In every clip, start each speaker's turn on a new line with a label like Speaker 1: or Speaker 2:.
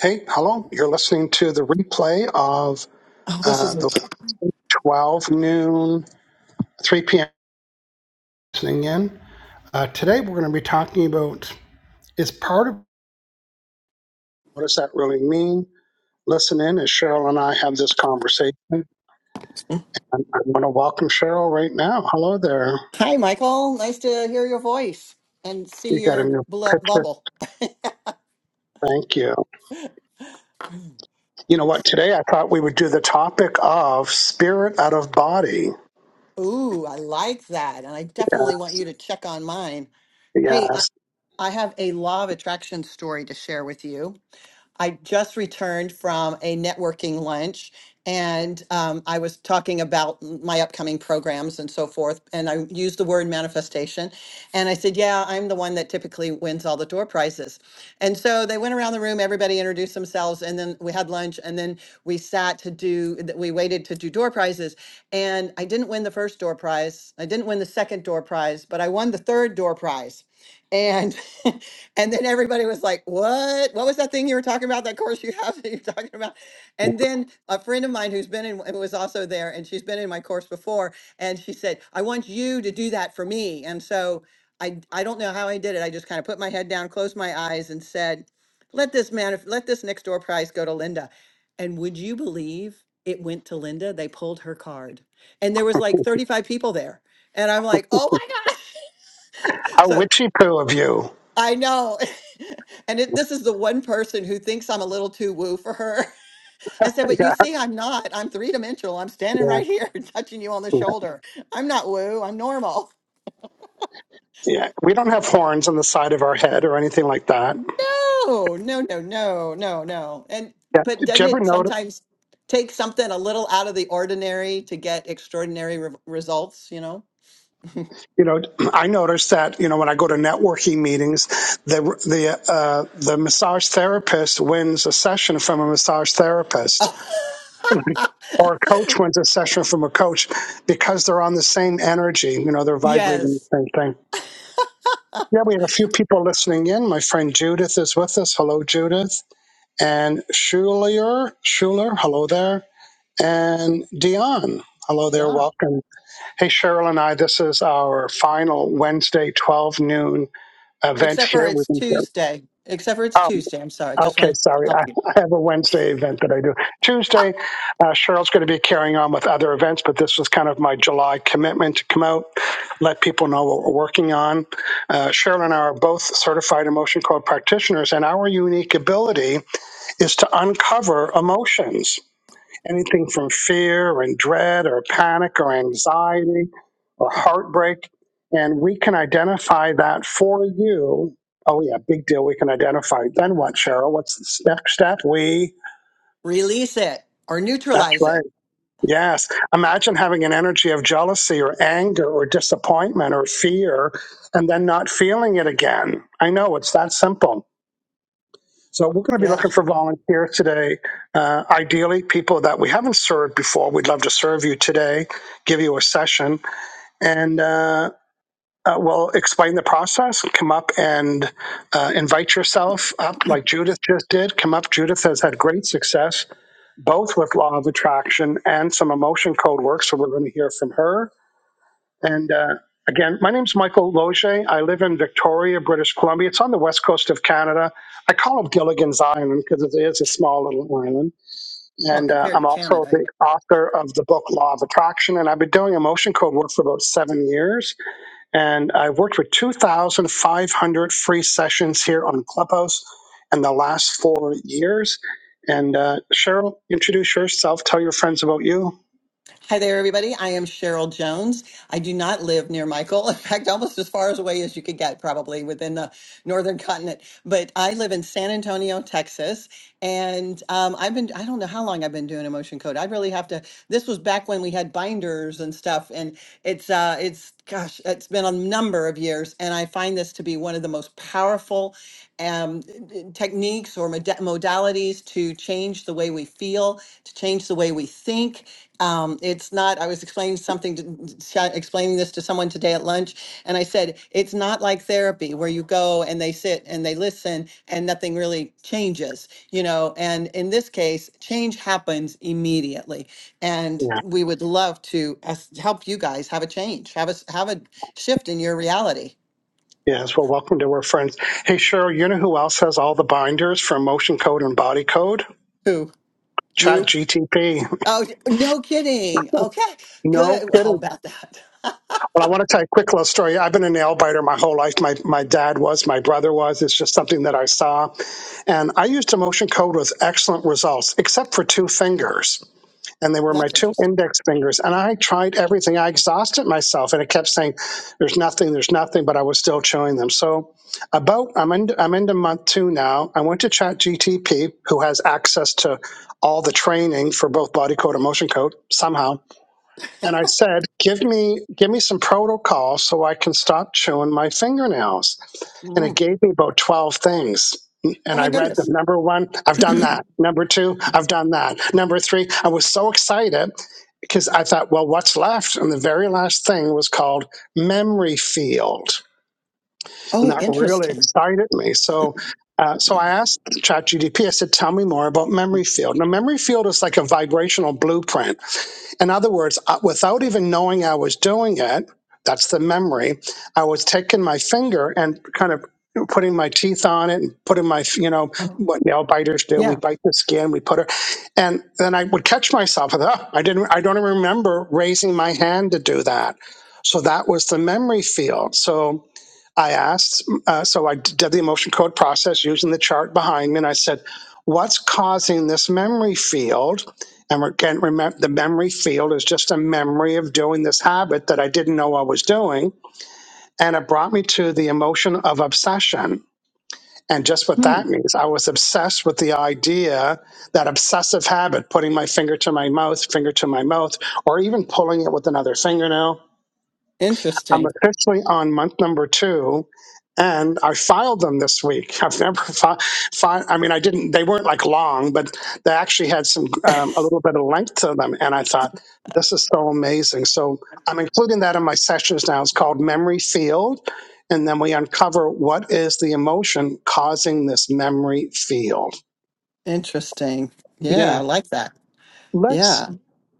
Speaker 1: Hey, hello. You're listening to the replay of
Speaker 2: Oh, this
Speaker 1: uh,
Speaker 2: is
Speaker 1: the 12 noon, 3 p.m. listening in. Uh, today, we're going to be talking about is part of what does that really mean? Listen in as Cheryl and I have this conversation. And I want to welcome Cheryl right now. Hello there.
Speaker 2: Hi, Michael. Nice to hear your voice and
Speaker 1: You
Speaker 2: see
Speaker 1: got a
Speaker 2: your
Speaker 1: new
Speaker 2: beloved
Speaker 1: picture.
Speaker 2: bubble.
Speaker 1: Thank you. You know what? Today, I thought we would do the topic of spirit out of body.
Speaker 2: Ooh, I like that. And I definitely
Speaker 1: Yeah,
Speaker 2: want you to check on mine. Hey, I,
Speaker 1: yes.
Speaker 2: I have a law of attraction story to share with you. I just returned from a networking lunch and um, I was talking about m- my upcoming programs and so forth. And I used the word manifestation. And I said, Yeah, I'm the one that typically wins all the door prizes. And so they went around the room, everybody introduced themselves. And then we had lunch. And then we sat to do, th- we waited to do door prizes. And I didn't win the first door prize. I didn't win the second door prize, but I won the third door prize. And and then everybody was like, "What? What was that thing you were talking about? That course you have that you're talking about?" And then a friend of mine who's been in and was also there, and she's been in my course before, and she said, "I want you to do that for me." And so I I don't know how I did it. I just kind of put my head down, closed my eyes, and said, "Let this man, let this next door prize go to Linda." And would you believe it went to Linda? They pulled her card, and there was like 35 people there, and I'm like, "Oh my gosh!"
Speaker 1: How
Speaker 2: So
Speaker 1: witchy poo of you.
Speaker 2: I know. And it, this is the one person who thinks I'm a little too woo for her. I said, but you
Speaker 1: Yeah,
Speaker 2: see, I'm not. I'm three dimensional. I'm standing
Speaker 1: yeah.
Speaker 2: right here touching you on the
Speaker 1: yeah.
Speaker 2: shoulder. I'm not woo. I'm normal.
Speaker 1: Yeah, we don't have horns on the side of our head or anything like that.
Speaker 2: No, no, no, no, no, no. And,
Speaker 1: Yeah.
Speaker 2: but
Speaker 1: Did you
Speaker 2: doesn't
Speaker 1: ever
Speaker 2: it
Speaker 1: notice?
Speaker 2: sometimes take something a little out of the ordinary to get extraordinary re- results, you know?
Speaker 1: You know, I noticed that you know when I go to networking meetings, the the uh, the massage therapist wins a session from a massage therapist,
Speaker 2: Oh.
Speaker 1: or a coach wins a session from a coach because they're on the same energy. You know, they're vibrating
Speaker 2: yes.
Speaker 1: the same thing. Yeah, we have a few people listening in. My friend Judith is with us. Hello, Judith. And Schuler, Schuler, hello there and Dion. Hello there,
Speaker 2: Yeah.
Speaker 1: welcome. Hey, Cheryl and I, this is our final Wednesday 12 noon event
Speaker 2: Except for
Speaker 1: here. We've
Speaker 2: it's
Speaker 1: been here.
Speaker 2: Tuesday. Except for it's
Speaker 1: Oh,
Speaker 2: Tuesday. I'm sorry. Just
Speaker 1: okay,
Speaker 2: want to
Speaker 1: sorry.
Speaker 2: help you.
Speaker 1: I, I have a Wednesday event that I do. Tuesday, uh, Cheryl's going to be carrying on with other events, but this was kind of my July commitment to come out, let people know what we're working on. Uh, Cheryl and I are both certified emotion code practitioners, and our unique ability is to uncover emotions anything from fear and dread or panic or anxiety or heartbreak. And we can identify that for you. Oh, yeah, big deal. We can identify. Then what, Cheryl? What's the next step? We,
Speaker 2: release it or
Speaker 1: that's
Speaker 2: neutralize it.
Speaker 1: right. Yes. Imagine having an energy of jealousy or anger or disappointment or fear and then not feeling it again. I know it's that simple So we're going to be
Speaker 2: Yeah.
Speaker 1: looking for volunteers today. Uh, ideally, people that we haven't served before. We'd love to serve you today, give you a session, and uh, uh, we'll explain the process. Come up and uh, invite yourself up, like Judith just did. Come up. Judith has had great success both with law of attraction and some emotion code work. So we're going to hear from her and uh, again, my name's Michael Loge. I live in Victoria, British Columbia. It's on the west coast of Canada. I call it Gilligan's Island because it is a small little island.
Speaker 2: Well,
Speaker 1: And uh,
Speaker 2: compared to
Speaker 1: I'm also
Speaker 2: Canada.
Speaker 1: the
Speaker 2: yeah.
Speaker 1: author of the book Law of Attraction. And I've been doing emotion code work for about seven years. And I've worked with 2,500 free sessions here on Clubhouse in the last four years. And uh, Cheryl, introduce yourself. Tell your friends about you.
Speaker 2: Hi there, everybody. I am Cheryl Jones. I do not live near Michael. In fact, almost as far as away as you could get, probably within the northern continent. But I live in San Antonio, Texas. And um, I've been, I don't know how long I've been doing emotion code. I really have to, this was back when we had binders and stuff. And it's, uh, it's, gosh, it's been a number of years. And I find this to be one of the most powerful um, techniques or moda- modalities to change the way we feel, to change the way we think. Um, it's not, I was explaining something, to, sh- explaining this to someone today at lunch, and I said, it's not like therapy where you go and they sit and they listen and nothing really changes, you know. And in this case, change happens immediately. And
Speaker 1: Yeah.
Speaker 2: we would love to as- help you guys have a change, have a, s- have a shift in your reality.
Speaker 1: Yes. Well, welcome to our friends. Hey, Cheryl, you know who else has all the binders for motion code and body code?
Speaker 2: Who?
Speaker 1: Chat
Speaker 2: You?
Speaker 1: GTP.
Speaker 2: Oh, no kidding. Okay,
Speaker 1: No
Speaker 2: good. Well, how
Speaker 1: kidding.
Speaker 2: about that.
Speaker 1: Well, I want to tell you a quick little story. I've been a nail biter my whole life. My my dad was, my brother was. It's just something that I saw. And I used emotion code with excellent results, except for two fingers. and they were my
Speaker 2: That's
Speaker 1: two
Speaker 2: interesting.
Speaker 1: index fingers. And I tried everything. I exhausted myself, and it kept saying, "There's nothing. There's nothing." But I was still chewing them. So about I'm in I'm into month two now. I went to Chat GTP, who has access to all the training for both body code and motion code somehow and I said, "Give me give me some protocol so I can stop chewing my fingernails." And it
Speaker 2: Mm.
Speaker 1: gave me about 12 things. And
Speaker 2: Oh
Speaker 1: I
Speaker 2: my
Speaker 1: read them.
Speaker 2: goodness.
Speaker 1: Number 1, I've done that. Number 2, I've done that. Number 3, I was so excited because I thought, "Well, what's left?" And the very last thing was called memory field. And
Speaker 2: Oh,
Speaker 1: that really
Speaker 2: interesting.
Speaker 1: excited me. So uh, so I asked ChatGDP, I said, tell me more about memory field. Now, memory field is like a vibrational blueprint in other words, uh, without even knowing I was doing it, that's the memory, I was taking my finger and kind of putting my teeth on it and putting my, you know,
Speaker 2: Oh,
Speaker 1: what nail biters do. We
Speaker 2: Yeah.
Speaker 1: bite the skin, we put it, and then I would catch myself. And, oh, I didn't, I don't remember raising my hand to do that. So that was the memory field. So I asked, uh, so I did the emotion code process using the chart behind me, and I said, "What's causing this memory field?" And we can't remember the memory field is just a memory of doing this habit that I didn't know I was doing, and it brought me to the emotion of obsession. And just what
Speaker 2: Hmm.
Speaker 1: that means, I was obsessed with the idea that obsessive habit, putting my finger to my mouth, finger to my mouth, or even pulling it with another fingernail I'm
Speaker 2: Interesting.
Speaker 1: officially on month number two, and I filed them this week. I've never filed. Fi- fi- I mean, I didn't. They weren't like long, but they actually had some um, a little bit of length to them. And I thought this is so amazing. So I'm including that in my sessions now. It's called memory field, and then we uncover what is the emotion causing this memory field.
Speaker 2: Interesting. Yeah,
Speaker 1: Yeah,
Speaker 2: I like that.
Speaker 1: let's
Speaker 2: Yeah.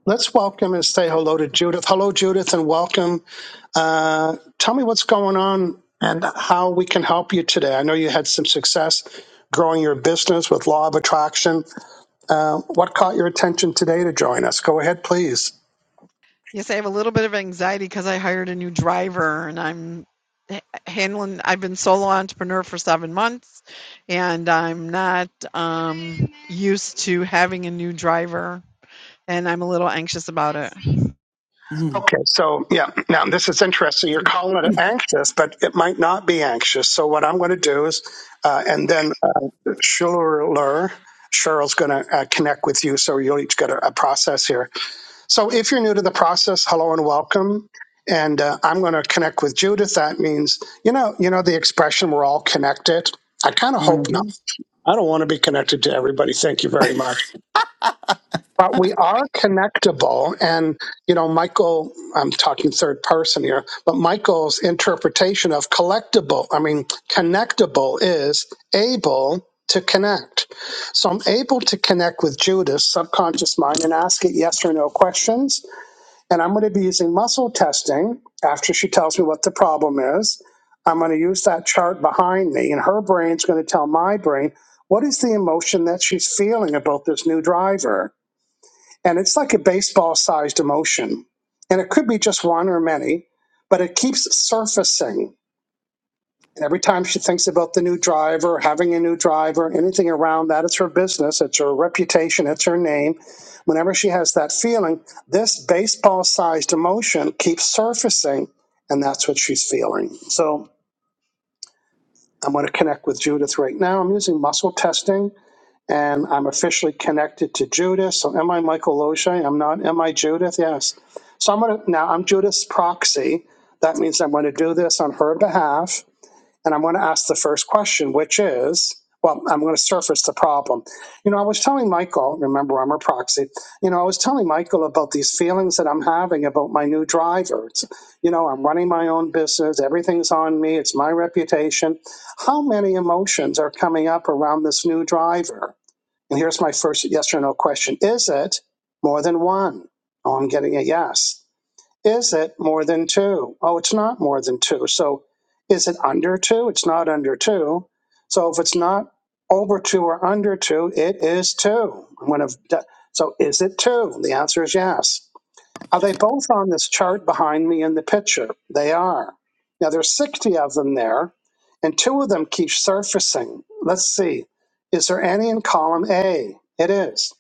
Speaker 1: let's welcome and say hello to Judith. Hello, Judith, and welcome. Uh, tell me what's going on and how we can help you today. I know you had some success growing your business with Law of Attraction. Uh, what caught your attention today to join us? Go ahead, please.
Speaker 3: Yes, I have a little bit of anxiety because I hired a new driver and I'm h- handling, I've been solo entrepreneur for seven months and I'm not um, used to having a new driver and I'm a little anxious about it.
Speaker 2: Mm.
Speaker 1: Okay, so yeah, now this is interesting. You're calling it anxious, but it might not be anxious. So what I'm going to do is, uh, and then uh, Cheryl Lerr- Cheryl's going to uh, connect with you, so you'll each get a, a process here. So, if you're new to the process, hello and welcome. And uh, I'm going to connect with Judith. That means, you know, you know the expression "we're all connected." I kind of
Speaker 2: hmm
Speaker 1: hope not. I don't want to be connected to everybody. Thank you very much. But we are connectable. And, you know, Michael, I'm talking third person here, but Michael's interpretation of collectible, I mean, connectable is able to connect. So I'm able to connect with Judith's subconscious mind, and ask it yes or no questions and I'm going to be using muscle testing after she tells me what the problem is. I'm going to use that chart behind me, and her brain's going to tell my brain what is the emotion that she's feeling about this new driver. And it's like a baseball sized emotion. And it could be just one or many, but it keeps surfacing and every time she thinks about the new driver, having a new driver, anything around that, it's her business, it's her reputation, it's her name. Whenever she has that feeling, this baseball sized emotion keeps surfacing, and that's what she's feeling. So I'm going to connect with Judith right now. I'm using muscle testing, and I'm officially connected to Judith. So am I Michael Loche? I'm not. Am I Judith? Yes. So I'm going to now, I'm Judith's proxy. That means I'm going to do this on her behalf and I'm going to ask the first question, which is, well, I'm going to surface the problem. You know, I was telling Michael, remember I'm a proxy, you know, I was telling Michael about these feelings that I'm having about my new driver. It's, you know, I'm running my own business, everything's on me, it's my reputation. How many emotions are coming up around this new driver? And here's my first yes or no question Is it more than one? Oh, I'm getting a yes. Is it more than two? Oh, it's not more than two. So is it under two? It's not under two. So if it's not over two or under two, it is two. I'm going to. d- So is it two? The answer is yes. Are they both on this chart behind me in the picture? They are. Now there's 60 of them there, and two of them keep surfacing. Let's see. Is there any in column A? It is.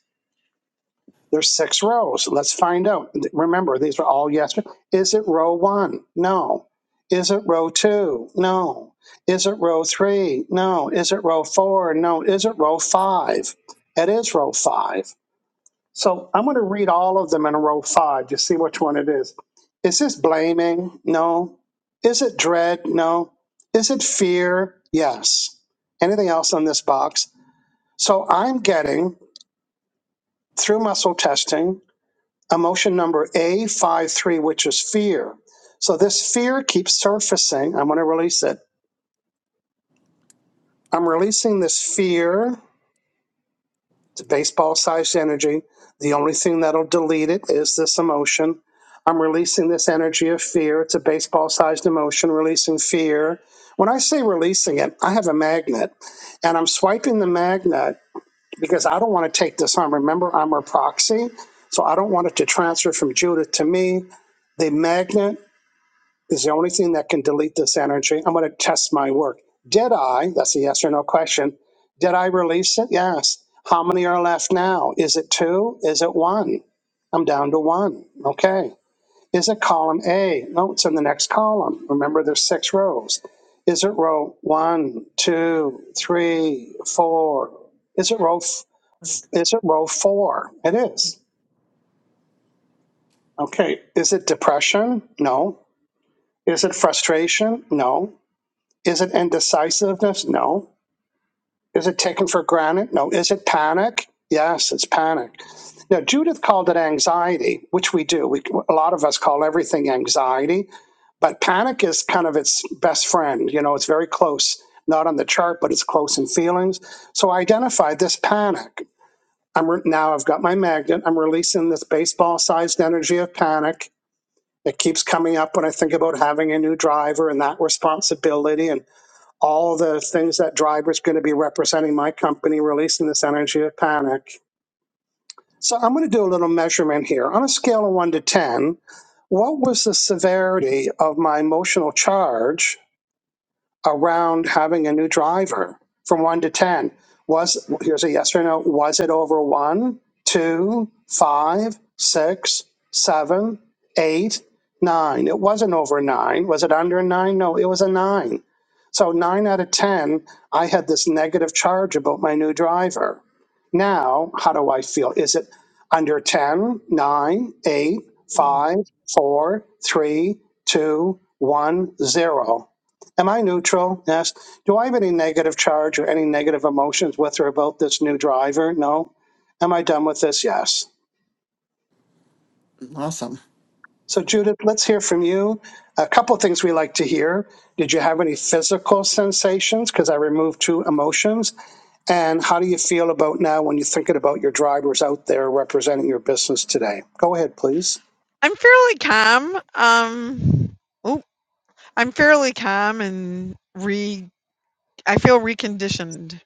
Speaker 1: There's six rows. Let's find out. Remember, these are all yes. Is it row one? No. Is it row two? No. Is it row three? No. Is it row four? No. Is it row five? It is row five. So I'm going to read all of them in row five to see which one it is. Is this blaming? No. Is it dread? No. Is it fear? Yes. Anything else on this box? So I'm getting through muscle testing emotion number A five three, which is fear. So this fear keeps surfacing. I'm going to release it. I'm releasing this fear. It's baseball sized energy. The only thing that'll delete it is this emotion. I'm releasing this energy of fear. It's a baseball sized emotion, releasing fear. When I say releasing it, I have a magnet and I'm swiping the magnet because I don't want to take this on. Remember, I'm her proxy. So I don't want it to transfer from Judith to me the magnet is the only thing that can delete this energy. I'm going to test my work. Did I? That's a yes or no question. Did I release it? Yes. How many are left now? Is it two? Is it one? I'm down to one. Okay. Is it column A? No, it's in the next column. Remember, there's six rows. Is it row one, two, three, four? Is it row? F- f- is it row four? It is. Okay. Is it depression? No. Is it frustration? No. Is it indecisiveness? No. Is it taken for granted? No. Is it panic? Yes, it's panic. Now, Judith called it anxiety, which we do. We, a lot of us call everything anxiety, but panic is kind of its best friend. You know, it's very close, not on the chart, but it's close in feelings. So I identified this panic. I'm re- now I've got my magnet. I'm releasing this baseball-sized energy of panic. It keeps coming up when I think about having a new driver and that responsibility and all the things that driver's going to be representing my company releasing this energy of panic. So I'm going to do a little measurement here. On a scale of 1 to 10, what was the severity of my emotional charge around having a new driver from one to 10? Was here's a yes or no was it over one, two, five, six, seven, eight, nine? It wasn't over nine. Was it under nine? No, it was a nine. So nine out of 10, I had this negative charge about my new driver. Now, how do I feel? Is it under ten nine eight five four three two one zero Am I neutral? Yes. Do I have any negative charge or any negative emotions with or about this new driver? No. Am I done with this? Yes.
Speaker 2: Awesome.
Speaker 1: So, Judith, let's hear from you. A couple of things we like to hear. Did you have any physical sensations? Because I removed two emotions. And how do you feel about now when you're thinking about your drivers out there representing your business today? Go ahead, please.
Speaker 3: I'm fairly calm. Um, oh, I'm fairly calm and re, I feel reconditioned.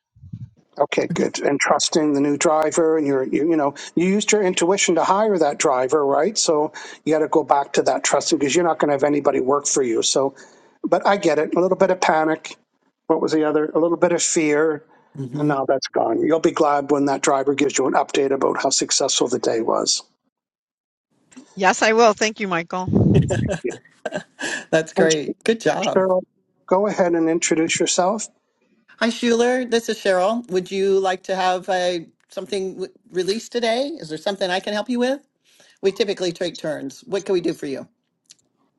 Speaker 1: Okay, good. And trusting the new driver, and you're, you, you know, you used your intuition to hire that driver, right? So you got to go back to that trusting because you're not going to have anybody work for you. So, but I get it. A little bit of panic. What was the other? A little bit of fear. And
Speaker 2: hmm
Speaker 1: now that's gone. You'll be glad when that driver gives you an update about how successful the day was.
Speaker 3: Yes, I will. Thank you, Michael.
Speaker 1: Yeah.
Speaker 2: That's
Speaker 1: And
Speaker 2: great. Good job.
Speaker 1: Cheryl, go ahead and introduce yourself.
Speaker 2: Hi, Schuler. This is Cheryl. Would you like to have a, something w- released today? Is there something I can help you with? We typically take turns. What can we do for you?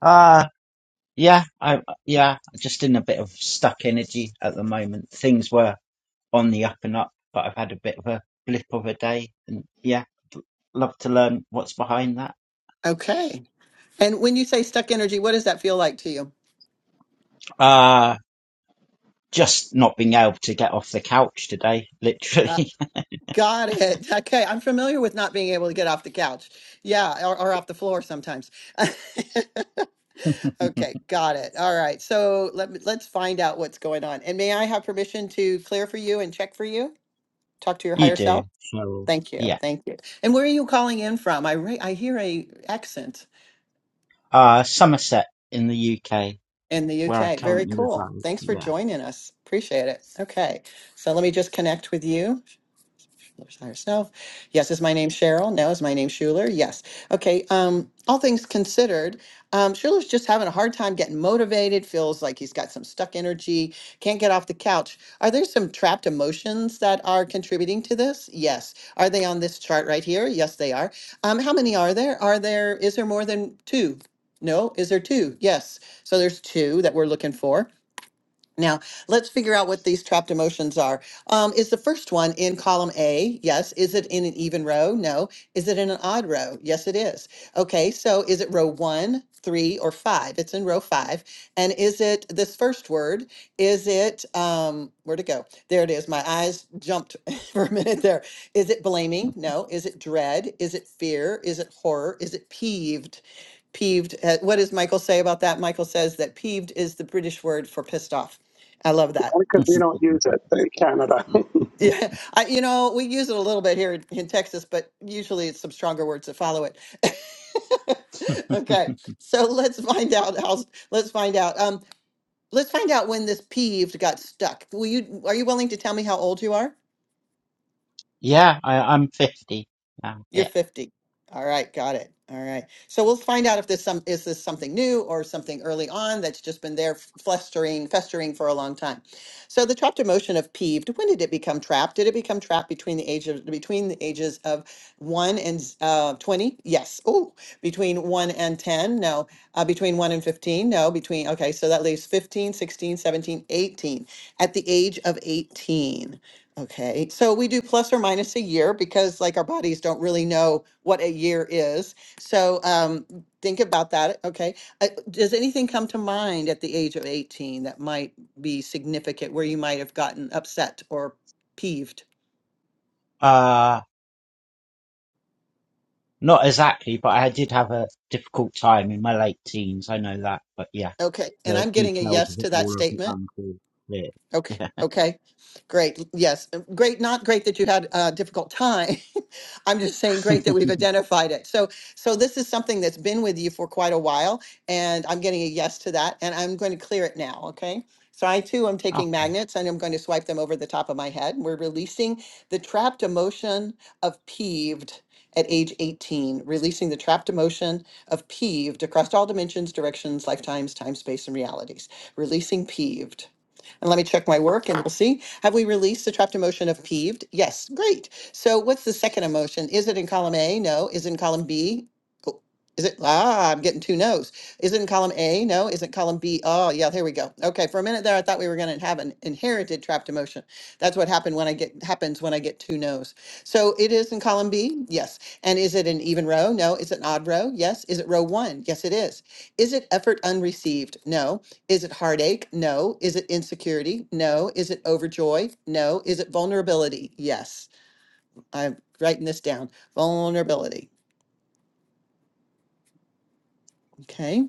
Speaker 4: Uh yeah, I yeah, just in a bit of stuck energy at the moment. Things were on the up and up, but I've had a bit of a blip of a day, and yeah, love to learn what's behind that.
Speaker 2: Okay. And when you say stuck energy, what does that feel like to you?
Speaker 4: Uh just not being able to get off the couch today,
Speaker 2: Uh,
Speaker 4: literally.
Speaker 2: got it. Okay. I'm familiar with not being able to get off the couch. Yeah, or, or off the floor sometimes. okay, got it. All right. So let me, let's find out what's going on. And may I have permission to clear for you and check for you? Talk to your
Speaker 4: you
Speaker 2: higher
Speaker 4: do,
Speaker 2: self.
Speaker 4: so,
Speaker 2: Thank you.
Speaker 4: Yeah.
Speaker 2: Thank you. And where are you calling in from? I re- I hear a accent.
Speaker 4: Uh Somerset in the UK,
Speaker 2: in the
Speaker 4: where I
Speaker 2: UK. Very
Speaker 4: currently
Speaker 2: cool.
Speaker 4: reside.
Speaker 2: Thanks for
Speaker 4: Yeah.
Speaker 2: joining us. Appreciate it. Okay. So let me just connect with you. There's higher self. Yes, is my name Cheryl? No, is my name Schuler? Yes. Okay. Um, all things considered, um, Schuler's just having a hard time getting motivated, feels like he's got some stuck energy, can't get off the couch. Are there some trapped emotions that are contributing to this? Yes. Are they on this chart right here? Yes, they are. Um, how many are there? Are there, is there more than two? No, is there two? Yes. So there's two that we're looking for. Now, let's figure out what these trapped emotions are. Um, is the first one in column A? Yes. Is it in an even row? No. Is it in an odd row? Yes, it is. Okay, so is it row one, three, or five? It's in row five. And is it this first word? Is it, um, where'd it go? There it is. My eyes jumped for a minute there. Is it blaming? No. Is it dread? Is it fear? Is it horror? Is it peeved? Peeved. uh, What does Michael say about that? Michael says that peeved is the British word for pissed off. I love that.
Speaker 1: Because we don't use it in Canada.
Speaker 2: Yeah, I, you know, we use it a little bit here in, in Texas, but usually it's some stronger words that follow it. okay, so let's find out how. Let's find out. Um, let's find out when this peeved got stuck. Will you? Are you willing to tell me how old you are?
Speaker 4: Yeah, I, I'm 50 now.
Speaker 2: You're
Speaker 4: Yeah.
Speaker 2: 50. All right, got it. All right. So we'll find out if this some is this something new or something early on that's just been there flustering, festering for a long time. So the trapped emotion of peeved, when did it become trapped? Did it become trapped between the age of between the ages of 1 and uh 20? Yes. Oh, between 1 and 10? No. Uh, between 1 and 15? No. Between Okay, so that leaves 15, 16, 17, 18 at the age of 18. Okay, so we do plus or minus a year because like our bodies don't really know what a year is. So um, think about that. Okay, uh, does anything come to mind at the age of 18 that might be significant where you might have gotten upset or peeved?
Speaker 4: Uh, Not exactly, but I did have a difficult time in my late teens. I know that, but yeah,
Speaker 2: Okay, and
Speaker 4: the
Speaker 2: I'm getting a
Speaker 4: details
Speaker 2: yes
Speaker 4: of it
Speaker 2: to that
Speaker 4: all are a bit
Speaker 2: statement.
Speaker 4: unclear.
Speaker 2: Okay,
Speaker 4: Yeah.
Speaker 2: okay, great. Yes, Uh, great. Not great that you had a difficult time, I'm just saying, great that we've identified it. So, so this is something that's been with you for quite a while, and I'm getting a yes to that, and I'm going to clear it now, okay? So I too am
Speaker 4: Oh.
Speaker 2: taking magnets and I'm going to swipe them over the top of my head. We're releasing the trapped emotion of peeved at age 18, releasing the trapped emotion of peeved across all dimensions, directions, lifetimes, time, space, and realities. Releasing peeved. And let me check my work and we'll see. Have we released the trapped emotion of peeved? Yes, great. So what's the second emotion? Is it in column A? No. Is it in column B? Oh, Is it, ah, I'm getting two no's. Is it in column A? No. Is it column B? Oh, yeah, there we go. Okay, for a minute there, I thought we were going to have an inherited trapped emotion. That's what happened when I get, happens when I get two no's. So it is in column B? Yes. And is it an even row? No. Is it an odd row? Yes. Is it row one? Yes, it is. Is it effort unreceived? No. Is it heartache? No. Is it insecurity? No. Is it overjoy? No. Is it vulnerability? Yes. I'm writing this down. Vulnerability. Okay.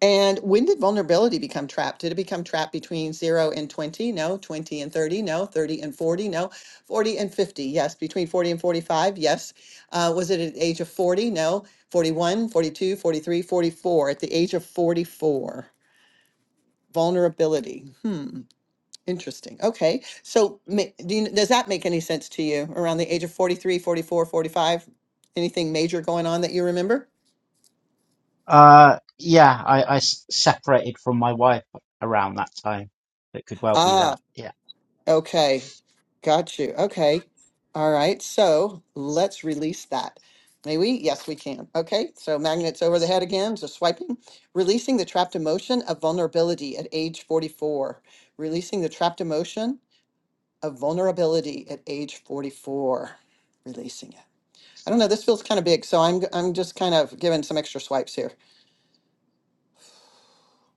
Speaker 2: And when did vulnerability become trapped? Did it become trapped between zero and 20? No. 20 and 30? No. 30 and 40? No. 40 and 50? Yes. Between 40 and 45? Yes. Uh, was it at the age of 40? No. 41, 42, 43, 44. At the age of 44. Vulnerability. Hmm. Interesting. Okay. So ma- do you, does that make any sense to you around the age of 43, 44, 45? Anything major going on that you remember?
Speaker 4: Uh, yeah, I, I s- separated from my wife around that time. It could well be
Speaker 2: Ah,
Speaker 4: that. Yeah.
Speaker 2: Okay, got you. Okay, all right. So let's release that. May we? Yes, we can. Okay, so magnets over the head again, just swiping. Releasing the trapped emotion of vulnerability at age 44. Releasing the trapped emotion of vulnerability at age 44. Releasing it. I don't know, this feels kind of big, so I'm, I'm just kind of giving some extra swipes here.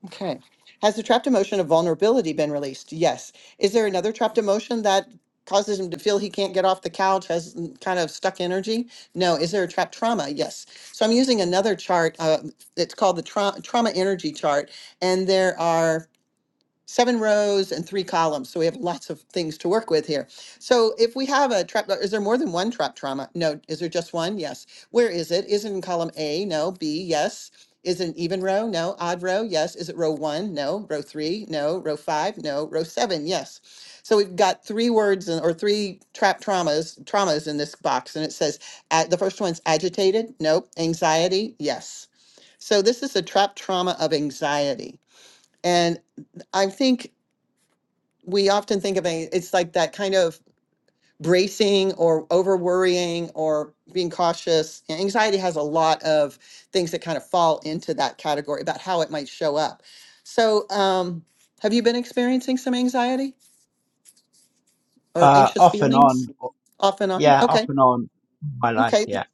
Speaker 2: Okay. Has the trapped emotion of vulnerability been released? Yes. Is there another trapped emotion that causes him to feel he can't get off the couch, has mm, kind of stuck energy? No. Is there a trapped trauma? Yes. So I'm using another chart. Uh, it's called the tra- trauma energy chart, and there are seven rows and three columns. So we have lots of things to work with here. So if we have a trap, is there more than one trap trauma? No. Is there just one? Yes. Where is it? Is it in column A? No. B? Yes. Is it an even row? No. Odd row? Yes. Is it row one? No. Row three? No. Row five? No. Row seven? Yes. So we've got three words in- or three trap traumas traumas in this box, and it says uh, the first one's agitated. Nope. Anxiety? Yes. So this is a trap trauma of anxiety, and I think we often think of it, it's like that kind of bracing or over worrying or being cautious. And anxiety has a lot of things that kind of fall into that category about how it might show up. So, um, have you been experiencing some anxiety or
Speaker 4: Uh,
Speaker 2: anxious
Speaker 4: off and on.
Speaker 2: feelings off and on?
Speaker 4: Yeah, off
Speaker 2: Okay.
Speaker 4: and on. My life.
Speaker 2: Okay.
Speaker 4: Yeah,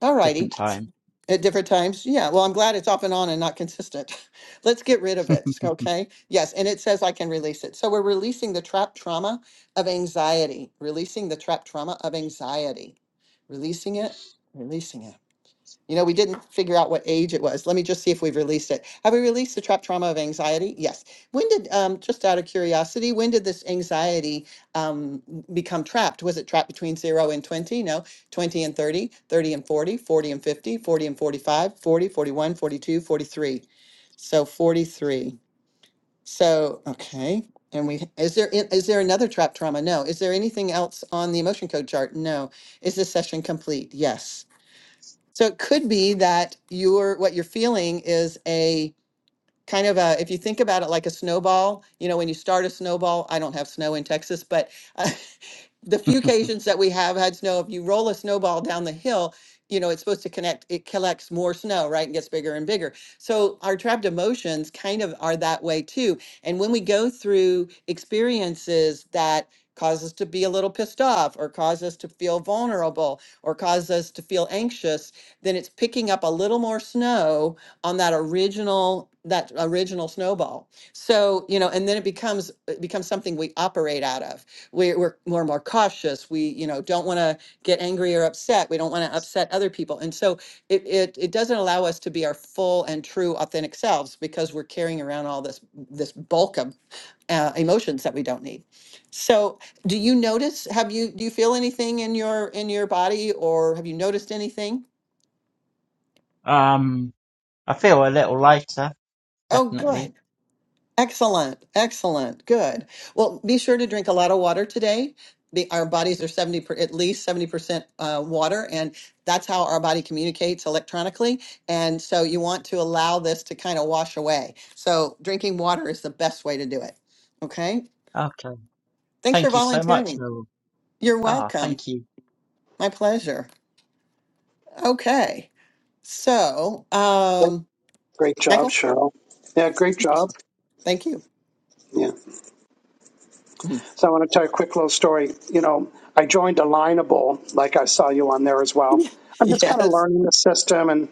Speaker 2: All
Speaker 4: different
Speaker 2: righty. S-
Speaker 4: time.
Speaker 2: At different times? Yeah, well, I'm glad it's off and on and not consistent. Let's get rid of it, okay? Yes, and it says I can release it. So we're releasing the trap trauma of anxiety, releasing the trap trauma of anxiety, releasing it, releasing it. You know, we didn't figure out what age it was. Let me just see if we've released it. Have we released the trap trauma of anxiety? Yes. When did, um, just out of curiosity, when did this anxiety um, become trapped? Was it trapped between zero and 20? No, 20 and 30, 30 and 40, 40 and 50, 40 and 45, 40, forty-one, forty-two, forty-three. So 43. So, okay. And we, is there, is there another trap trauma? No. Is there anything else on the emotion code chart? No. Is this session complete? Yes. So it could be that you're what you're feeling is a kind of a if you think about it like a snowball, you know, when you start a snowball, I don't have snow in Texas, but the few occasions that we have had snow, if you roll a snowball down the hill, you know, it's supposed to connect, it collects more snow, right? And gets bigger and bigger. So our trapped emotions kind of are that way too. And when we go through experiences that cause us to be a little pissed off or cause us to feel vulnerable or cause us to feel anxious, then it's picking up a little more snow on that original that original snowball. So, you know, and then it becomes it becomes something we operate out of we're, we're more and more cautious. We, you know, don't want to get angry or upset. We don't want to upset other people. And so it, it, it doesn't allow us to be our full and true authentic selves because we're carrying around all this, this bulk of uh, emotions that we don't need. So do you notice, have you, do you feel anything in your, in your body or have you noticed anything?
Speaker 4: um, I feel a little lighter,
Speaker 2: Oh,
Speaker 4: definitely.
Speaker 2: good. Excellent, excellent, good. Well, be sure to drink a lot of water today. Be, our bodies are 70 per, at least 70% uh, water, and that's how our body communicates electronically. And so you want to allow this to kind of wash away. So drinking water is the best way to do it. Okay.
Speaker 4: Okay.
Speaker 2: Thanks for
Speaker 4: Thank you so much,
Speaker 2: volunteering.
Speaker 4: Noel.
Speaker 2: You're
Speaker 4: Ah,
Speaker 2: welcome.
Speaker 4: thank you.
Speaker 2: My pleasure. Okay. So, um,
Speaker 1: great job,
Speaker 2: Michael,
Speaker 1: Cheryl. Yeah, great job.
Speaker 2: thank you.
Speaker 1: Yeah.
Speaker 2: Mhm.
Speaker 1: So I want to tell you a quick little story. You know, I joined Alignable, like I saw you on there as well. I'm just kind of
Speaker 2: Yes.
Speaker 1: learning the system, and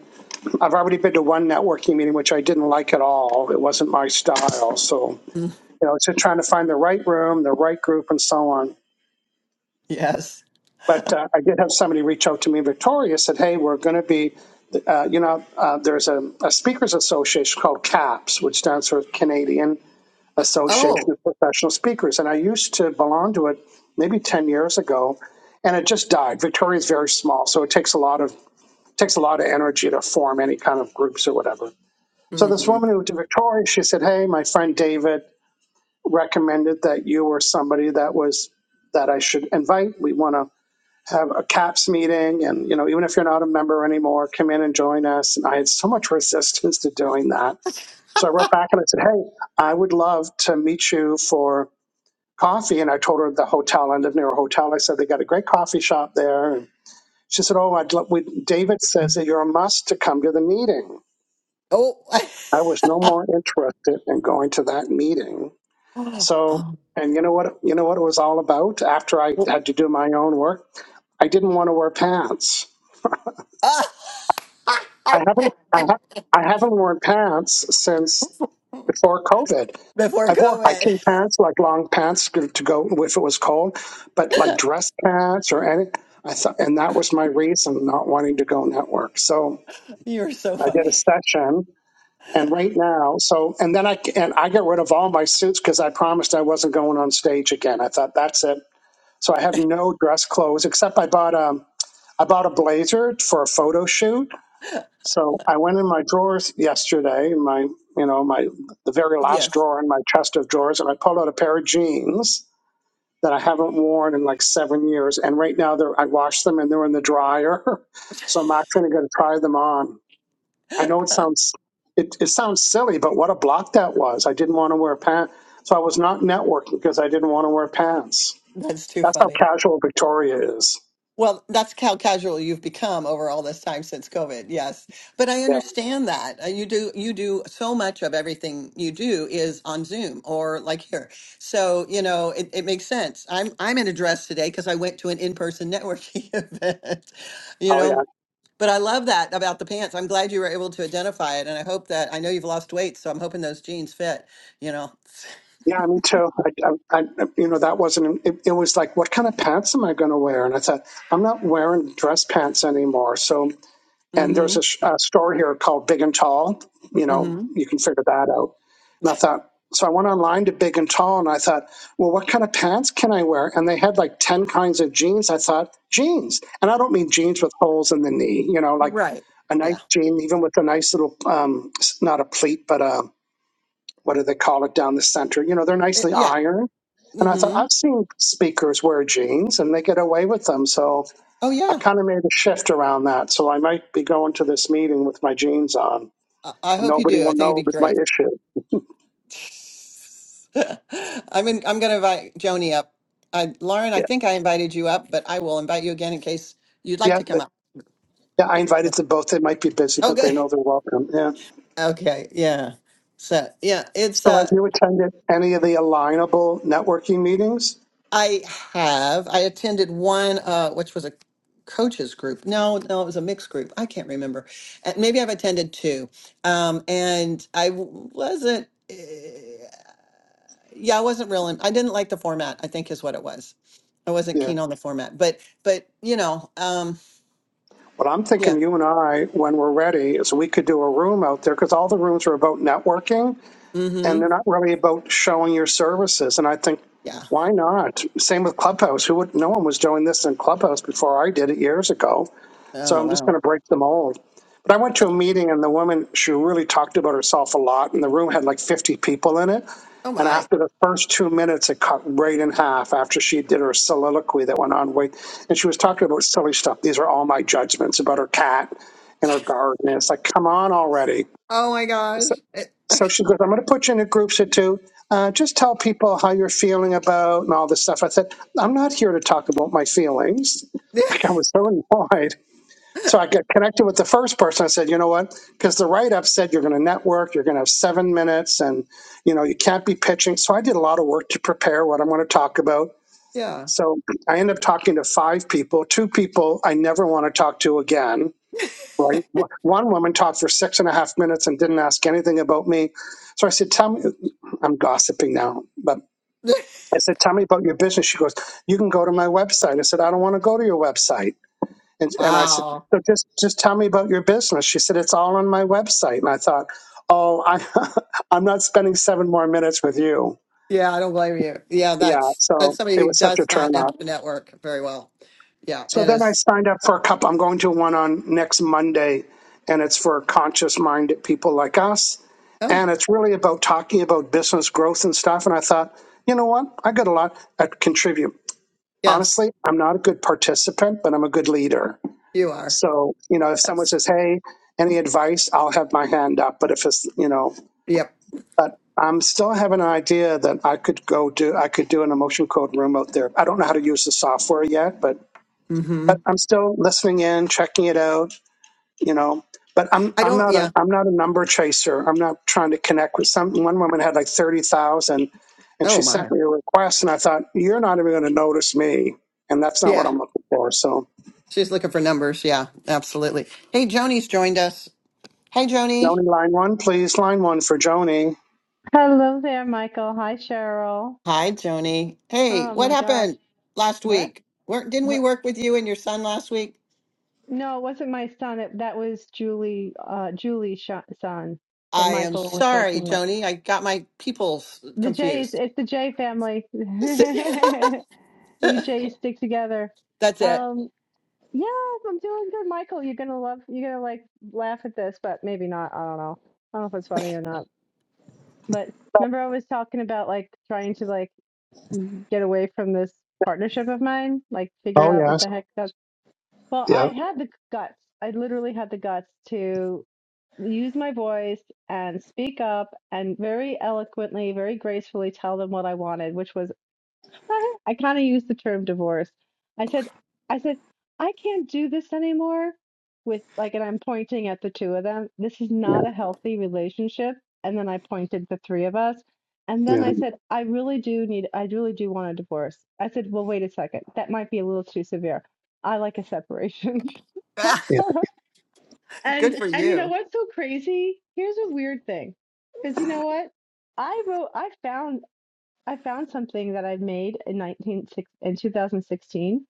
Speaker 1: I've already been to one networking meeting, which I didn't like at all. It wasn't my style. So,
Speaker 2: Mm,
Speaker 1: you know, it's just trying to find the right room, the right group, and so on.
Speaker 2: Yes.
Speaker 1: But uh, I did have somebody reach out to me in Victoria, said, hey, we're going to be, uh, you know, uh, there's a, a speakers association called CAPS, which stands for Canadian Association
Speaker 2: Oh.
Speaker 1: of Professional Speakers. And I used to belong to it maybe 10 years ago, and it just died. Victoria is very small, so it takes a lot of takes a lot of energy to form any kind of groups or whatever. So this
Speaker 2: mm-hmm.
Speaker 1: woman who went to Victoria, she said, hey, my friend David recommended that you were somebody that was that I should invite. We want to have a CAPS meeting, and you know, even if you're not a member anymore, come in and join us. And I had so much resistance to doing that. So I wrote back and I said, Hey, I would love to meet you for coffee. And I told her the hotel. I live near a hotel. I said they got a great coffee shop there. And she said, Oh, I'd love, we, David says that you're a must to come to the meeting.
Speaker 2: Oh,
Speaker 1: I was no more interested in going to that meeting.
Speaker 2: oh,
Speaker 1: So,
Speaker 2: oh.
Speaker 1: and you know what? You know what it was all about. After I had to do my own work, I didn't want to wear pants.
Speaker 2: Ah.
Speaker 1: I haven't I, ha- I haven't worn pants since before COVID.
Speaker 2: before
Speaker 1: I wore
Speaker 2: COVID.
Speaker 1: hiking pants, like long pants to to go if it was cold, but like dress pants or any. I thought, and that was my reason not wanting to go network. So
Speaker 2: You're so
Speaker 1: I did a
Speaker 2: funny.
Speaker 1: session, and right now, so and then I and I got rid of all my suits because I promised I wasn't going on stage again. I thought that's it. So I have no dress clothes except I bought a I bought a blazer for a photo shoot so I went in my drawers yesterday, my you know my the very last
Speaker 2: Yes,
Speaker 1: drawer in my chest of drawers, and I pulled out a pair of jeans that I haven't worn in like seven years, and right now they're I washed them and they're in the dryer, so I'm actually going to try them on. I know it sounds it, it sounds silly, but what a block that was! I didn't want to wear pants, so I was not networking because I didn't want to wear pants.
Speaker 2: that's too
Speaker 1: That's how
Speaker 2: funny.
Speaker 1: casual Victoria is.
Speaker 2: Well, that's how casual you've become over all this time since COVID. Yes. But I
Speaker 1: Yeah.
Speaker 2: understand that. Uh, You do you do so much of everything you do is on Zoom or like here. So, you know, it, it makes sense. I'm I'm in a dress today because I went to an in-person networking event, you
Speaker 1: Oh yeah.
Speaker 2: know. But I love that about the pants. I'm glad you were able to identify it. And I hope that I know you've lost weight, so I'm hoping those jeans fit, you know.
Speaker 1: Yeah, me too. I, I, I, you know, that wasn't. It, it was like, what kind of pants am I going to wear? And I thought, I'm not wearing dress pants anymore. So, and
Speaker 2: Mm-hmm.
Speaker 1: there's a, sh- a store here called Big and Tall. You know,
Speaker 2: Mm-hmm.
Speaker 1: you can figure that out. And I thought, so I went online to Big and Tall, and I thought, well, what kind of pants can I wear? And they had like ten kinds of jeans. I thought jeans, and I don't mean jeans with holes in the knee. You know, like
Speaker 2: Right.
Speaker 1: a nice
Speaker 2: Yeah.
Speaker 1: jean, even with a nice little, um, s- not a pleat, but a what do they call it down the center? You know, they're
Speaker 2: It-
Speaker 1: nicely
Speaker 2: yeah.
Speaker 1: ironed. And I thought,
Speaker 2: Mm-hmm.
Speaker 1: I've seen speakers wear jeans and they get away with them. So
Speaker 2: Oh
Speaker 1: I
Speaker 2: yeah.
Speaker 1: kind of made a shift around that. So I might be going to this meeting with my jeans on
Speaker 2: I I
Speaker 1: and
Speaker 2: hope you
Speaker 1: nobody
Speaker 2: do.
Speaker 1: will
Speaker 2: I think it'd
Speaker 1: know
Speaker 2: be
Speaker 1: it was my
Speaker 2: great.
Speaker 1: issue.
Speaker 2: I'm in, I'm going to invite Joni up. I, Lauren, I
Speaker 1: Yeah.
Speaker 2: think I invited you up, but I will invite you again in case you'd like
Speaker 1: Yeah.
Speaker 2: to come
Speaker 1: But,
Speaker 2: up.
Speaker 1: yeah. I invited them both. They might be busy,
Speaker 2: Oh,
Speaker 1: but they
Speaker 2: good.
Speaker 1: know they're welcome. Yeah.
Speaker 2: Okay. Yeah. So yeah, it's
Speaker 1: So have
Speaker 2: uh
Speaker 1: you attended any of the alignable networking meetings?
Speaker 2: I have. I attended one, uh, which was a coaches group. No, no, it was a mixed group. I can't remember. Uh, Maybe I've attended two. Um, and I w- wasn't, uh, yeah, I wasn't real. In, I didn't like the format, I think is what it was. I wasn't
Speaker 1: Yeah.
Speaker 2: keen on the format, but, but, you know, um,
Speaker 1: What I'm
Speaker 2: yeah.
Speaker 1: thinking you and I, when we're ready, is we could do a room out there because all the rooms are about networking and
Speaker 2: Mm-hmm.
Speaker 1: they're not really about showing your services. And I think,
Speaker 2: Yeah.
Speaker 1: why not? Same with Clubhouse. Who would? No one was doing this in Clubhouse before I did it years ago. So
Speaker 2: Oh,
Speaker 1: I'm just going
Speaker 2: wow.
Speaker 1: to break the mold. But I went to a meeting, and the woman she really talked about herself a lot, and the room had like 50 people in it.
Speaker 2: Oh
Speaker 1: And
Speaker 2: my.
Speaker 1: after the first two minutes, it cut right in half after she did her soliloquy that went on way. And she was talking about silly stuff. These are all my judgments about her cat and her garden. And it's like, come on already.
Speaker 2: Oh my gosh. It-
Speaker 1: So she goes, I'm going to put you in a group of two. Uh, just tell people how you're feeling about and all this stuff. I said, I'm not here to talk about my feelings. Like I was so annoyed. So I got connected with the first person. I said, you know what? Because the write up said you're going to network, you're going to have seven minutes, and you know you can't be pitching. So I did a lot of work to prepare what I'm going to talk about.
Speaker 2: yeah.
Speaker 1: So I end up talking to five people, two people I never want to talk to again right? One one woman talked for six and a half minutes and didn't ask anything about me. So I said, Tell me, I'm gossiping now, but I said, Tell me about your business. She goes, You can go to my website. I said, I don't want to go to your website. And, and I said,
Speaker 2: Wow.
Speaker 1: so just, just tell me about your business. She said, It's all on my website. And I thought, Oh, I, I'm not spending seven more minutes with you.
Speaker 2: Yeah, I don't blame you. Yeah,
Speaker 1: Yeah.
Speaker 2: that's that's
Speaker 1: So
Speaker 2: somebody
Speaker 1: it
Speaker 2: who
Speaker 1: was such a
Speaker 2: does not know
Speaker 1: turnoff.
Speaker 2: the network very well. Yeah,
Speaker 1: So
Speaker 2: and
Speaker 1: then I
Speaker 2: is
Speaker 1: signed up for a couple. I'm going to one on next Monday, and it's for conscious minded people like us.
Speaker 2: oh
Speaker 1: And it's really about talking about business growth and stuff. And I thought, you know what? I got a lot I contribute.
Speaker 2: yes,
Speaker 1: Honestly, I'm not a good participant, but I'm a good leader.
Speaker 2: you are.
Speaker 1: So, you know, if someone
Speaker 2: Yes.
Speaker 1: says, hey, any advice, I'll have my hand up. But if it's, you know,
Speaker 2: Yep.
Speaker 1: but I'm still have an idea that I could go do, I could do an emotion code room out there. I don't know how to use the software yet, but
Speaker 2: Mm-hmm.
Speaker 1: but I'm still listening in, checking it out, you know. But I'm
Speaker 2: I
Speaker 1: I'm
Speaker 2: don't.
Speaker 1: not a
Speaker 2: Yeah.
Speaker 1: I'm not a number chaser. I'm not trying to connect with some one woman had like thirty thousand and she
Speaker 2: Oh
Speaker 1: sent
Speaker 2: my.
Speaker 1: me a request and I thought, You're not even gonna notice me and that's not what
Speaker 2: Yeah.
Speaker 1: I'm looking for. So
Speaker 2: She's looking for numbers. Yeah, absolutely. Hey, Joni's joined us. Hey, Joni.
Speaker 1: Joni line one, please, line one for Joni.
Speaker 5: Hello there, Michael. Hi, Cheryl.
Speaker 2: Hi, Joni. Hey,
Speaker 5: Oh
Speaker 2: what
Speaker 5: my gosh.
Speaker 2: happened last
Speaker 5: What?
Speaker 2: week? Where, didn't we
Speaker 5: What?
Speaker 2: work with you and your son last week?
Speaker 5: No, it wasn't my son. It, that was Julie, uh, Julie's sh son that
Speaker 2: I am
Speaker 5: Michael was
Speaker 2: sorry,
Speaker 5: working with.
Speaker 2: Joni. I got my people
Speaker 5: The Jays,
Speaker 2: confused.
Speaker 5: it's the Jay family. We Jays stick together.
Speaker 2: That's it.
Speaker 5: Um, yeah, I'm doing good, Michael. You're gonna love, you're gonna like laugh at this, but maybe not. I don't know. I don't know if it's funny or not. But remember I was talking about like trying to like mm, get away from this partnership of mine, like figure
Speaker 1: Oh
Speaker 5: out what
Speaker 1: yes.
Speaker 5: the heck that's. Well, I
Speaker 1: Yeah,
Speaker 5: had the guts. I literally had the guts to use my voice and speak up and very eloquently, very gracefully tell them what I wanted, which was. I kind of used the term divorce. I said, I said, I can't do this anymore with like, and I'm pointing at the two of them. This is
Speaker 1: yeah,
Speaker 5: not a healthy relationship. And then I pointed at the three of us. And then
Speaker 1: yeah,
Speaker 5: I said, I really do need, I really do want a divorce. I said, well, wait a second. That might be a little too severe. I like a separation.
Speaker 1: yeah,
Speaker 2: Good
Speaker 5: and,
Speaker 2: for
Speaker 5: and you know
Speaker 2: you.
Speaker 5: what's so crazy? Here's a weird thing. Cause you know what? I wrote, I found I found something that i made in nineteen six in 2016,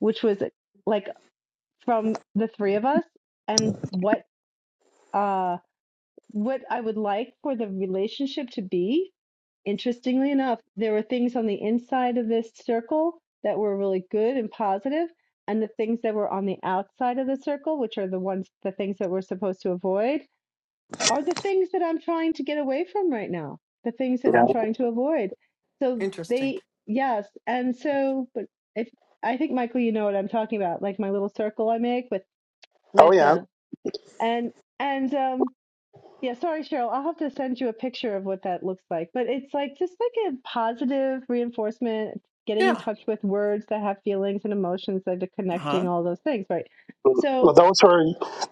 Speaker 5: which was like from the three of us and what uh what I would like for the relationship to be. Interestingly enough, there were things on the inside of this circle that were really good and positive, and the things that were on the outside of the circle, which are the ones the things that we're supposed to avoid, are the things that I'm trying to get away from right now, the things that
Speaker 1: yeah.
Speaker 5: I'm
Speaker 2: Oh,
Speaker 5: trying to avoid. So
Speaker 2: interesting.
Speaker 5: they, yes. And so, but if I think Michael, you know what I'm talking about, like my little circle I make with,
Speaker 1: Oh
Speaker 5: with,
Speaker 1: yeah.
Speaker 5: uh, and, and, um, yeah, sorry, Cheryl, I'll have to send you a picture of what that looks like. But it's like just like a positive reinforcement, getting in
Speaker 2: Yeah.
Speaker 5: touch with words that have feelings and emotions that are
Speaker 2: Uh-huh.
Speaker 5: connecting all those things, right?
Speaker 1: Well
Speaker 5: So
Speaker 1: those were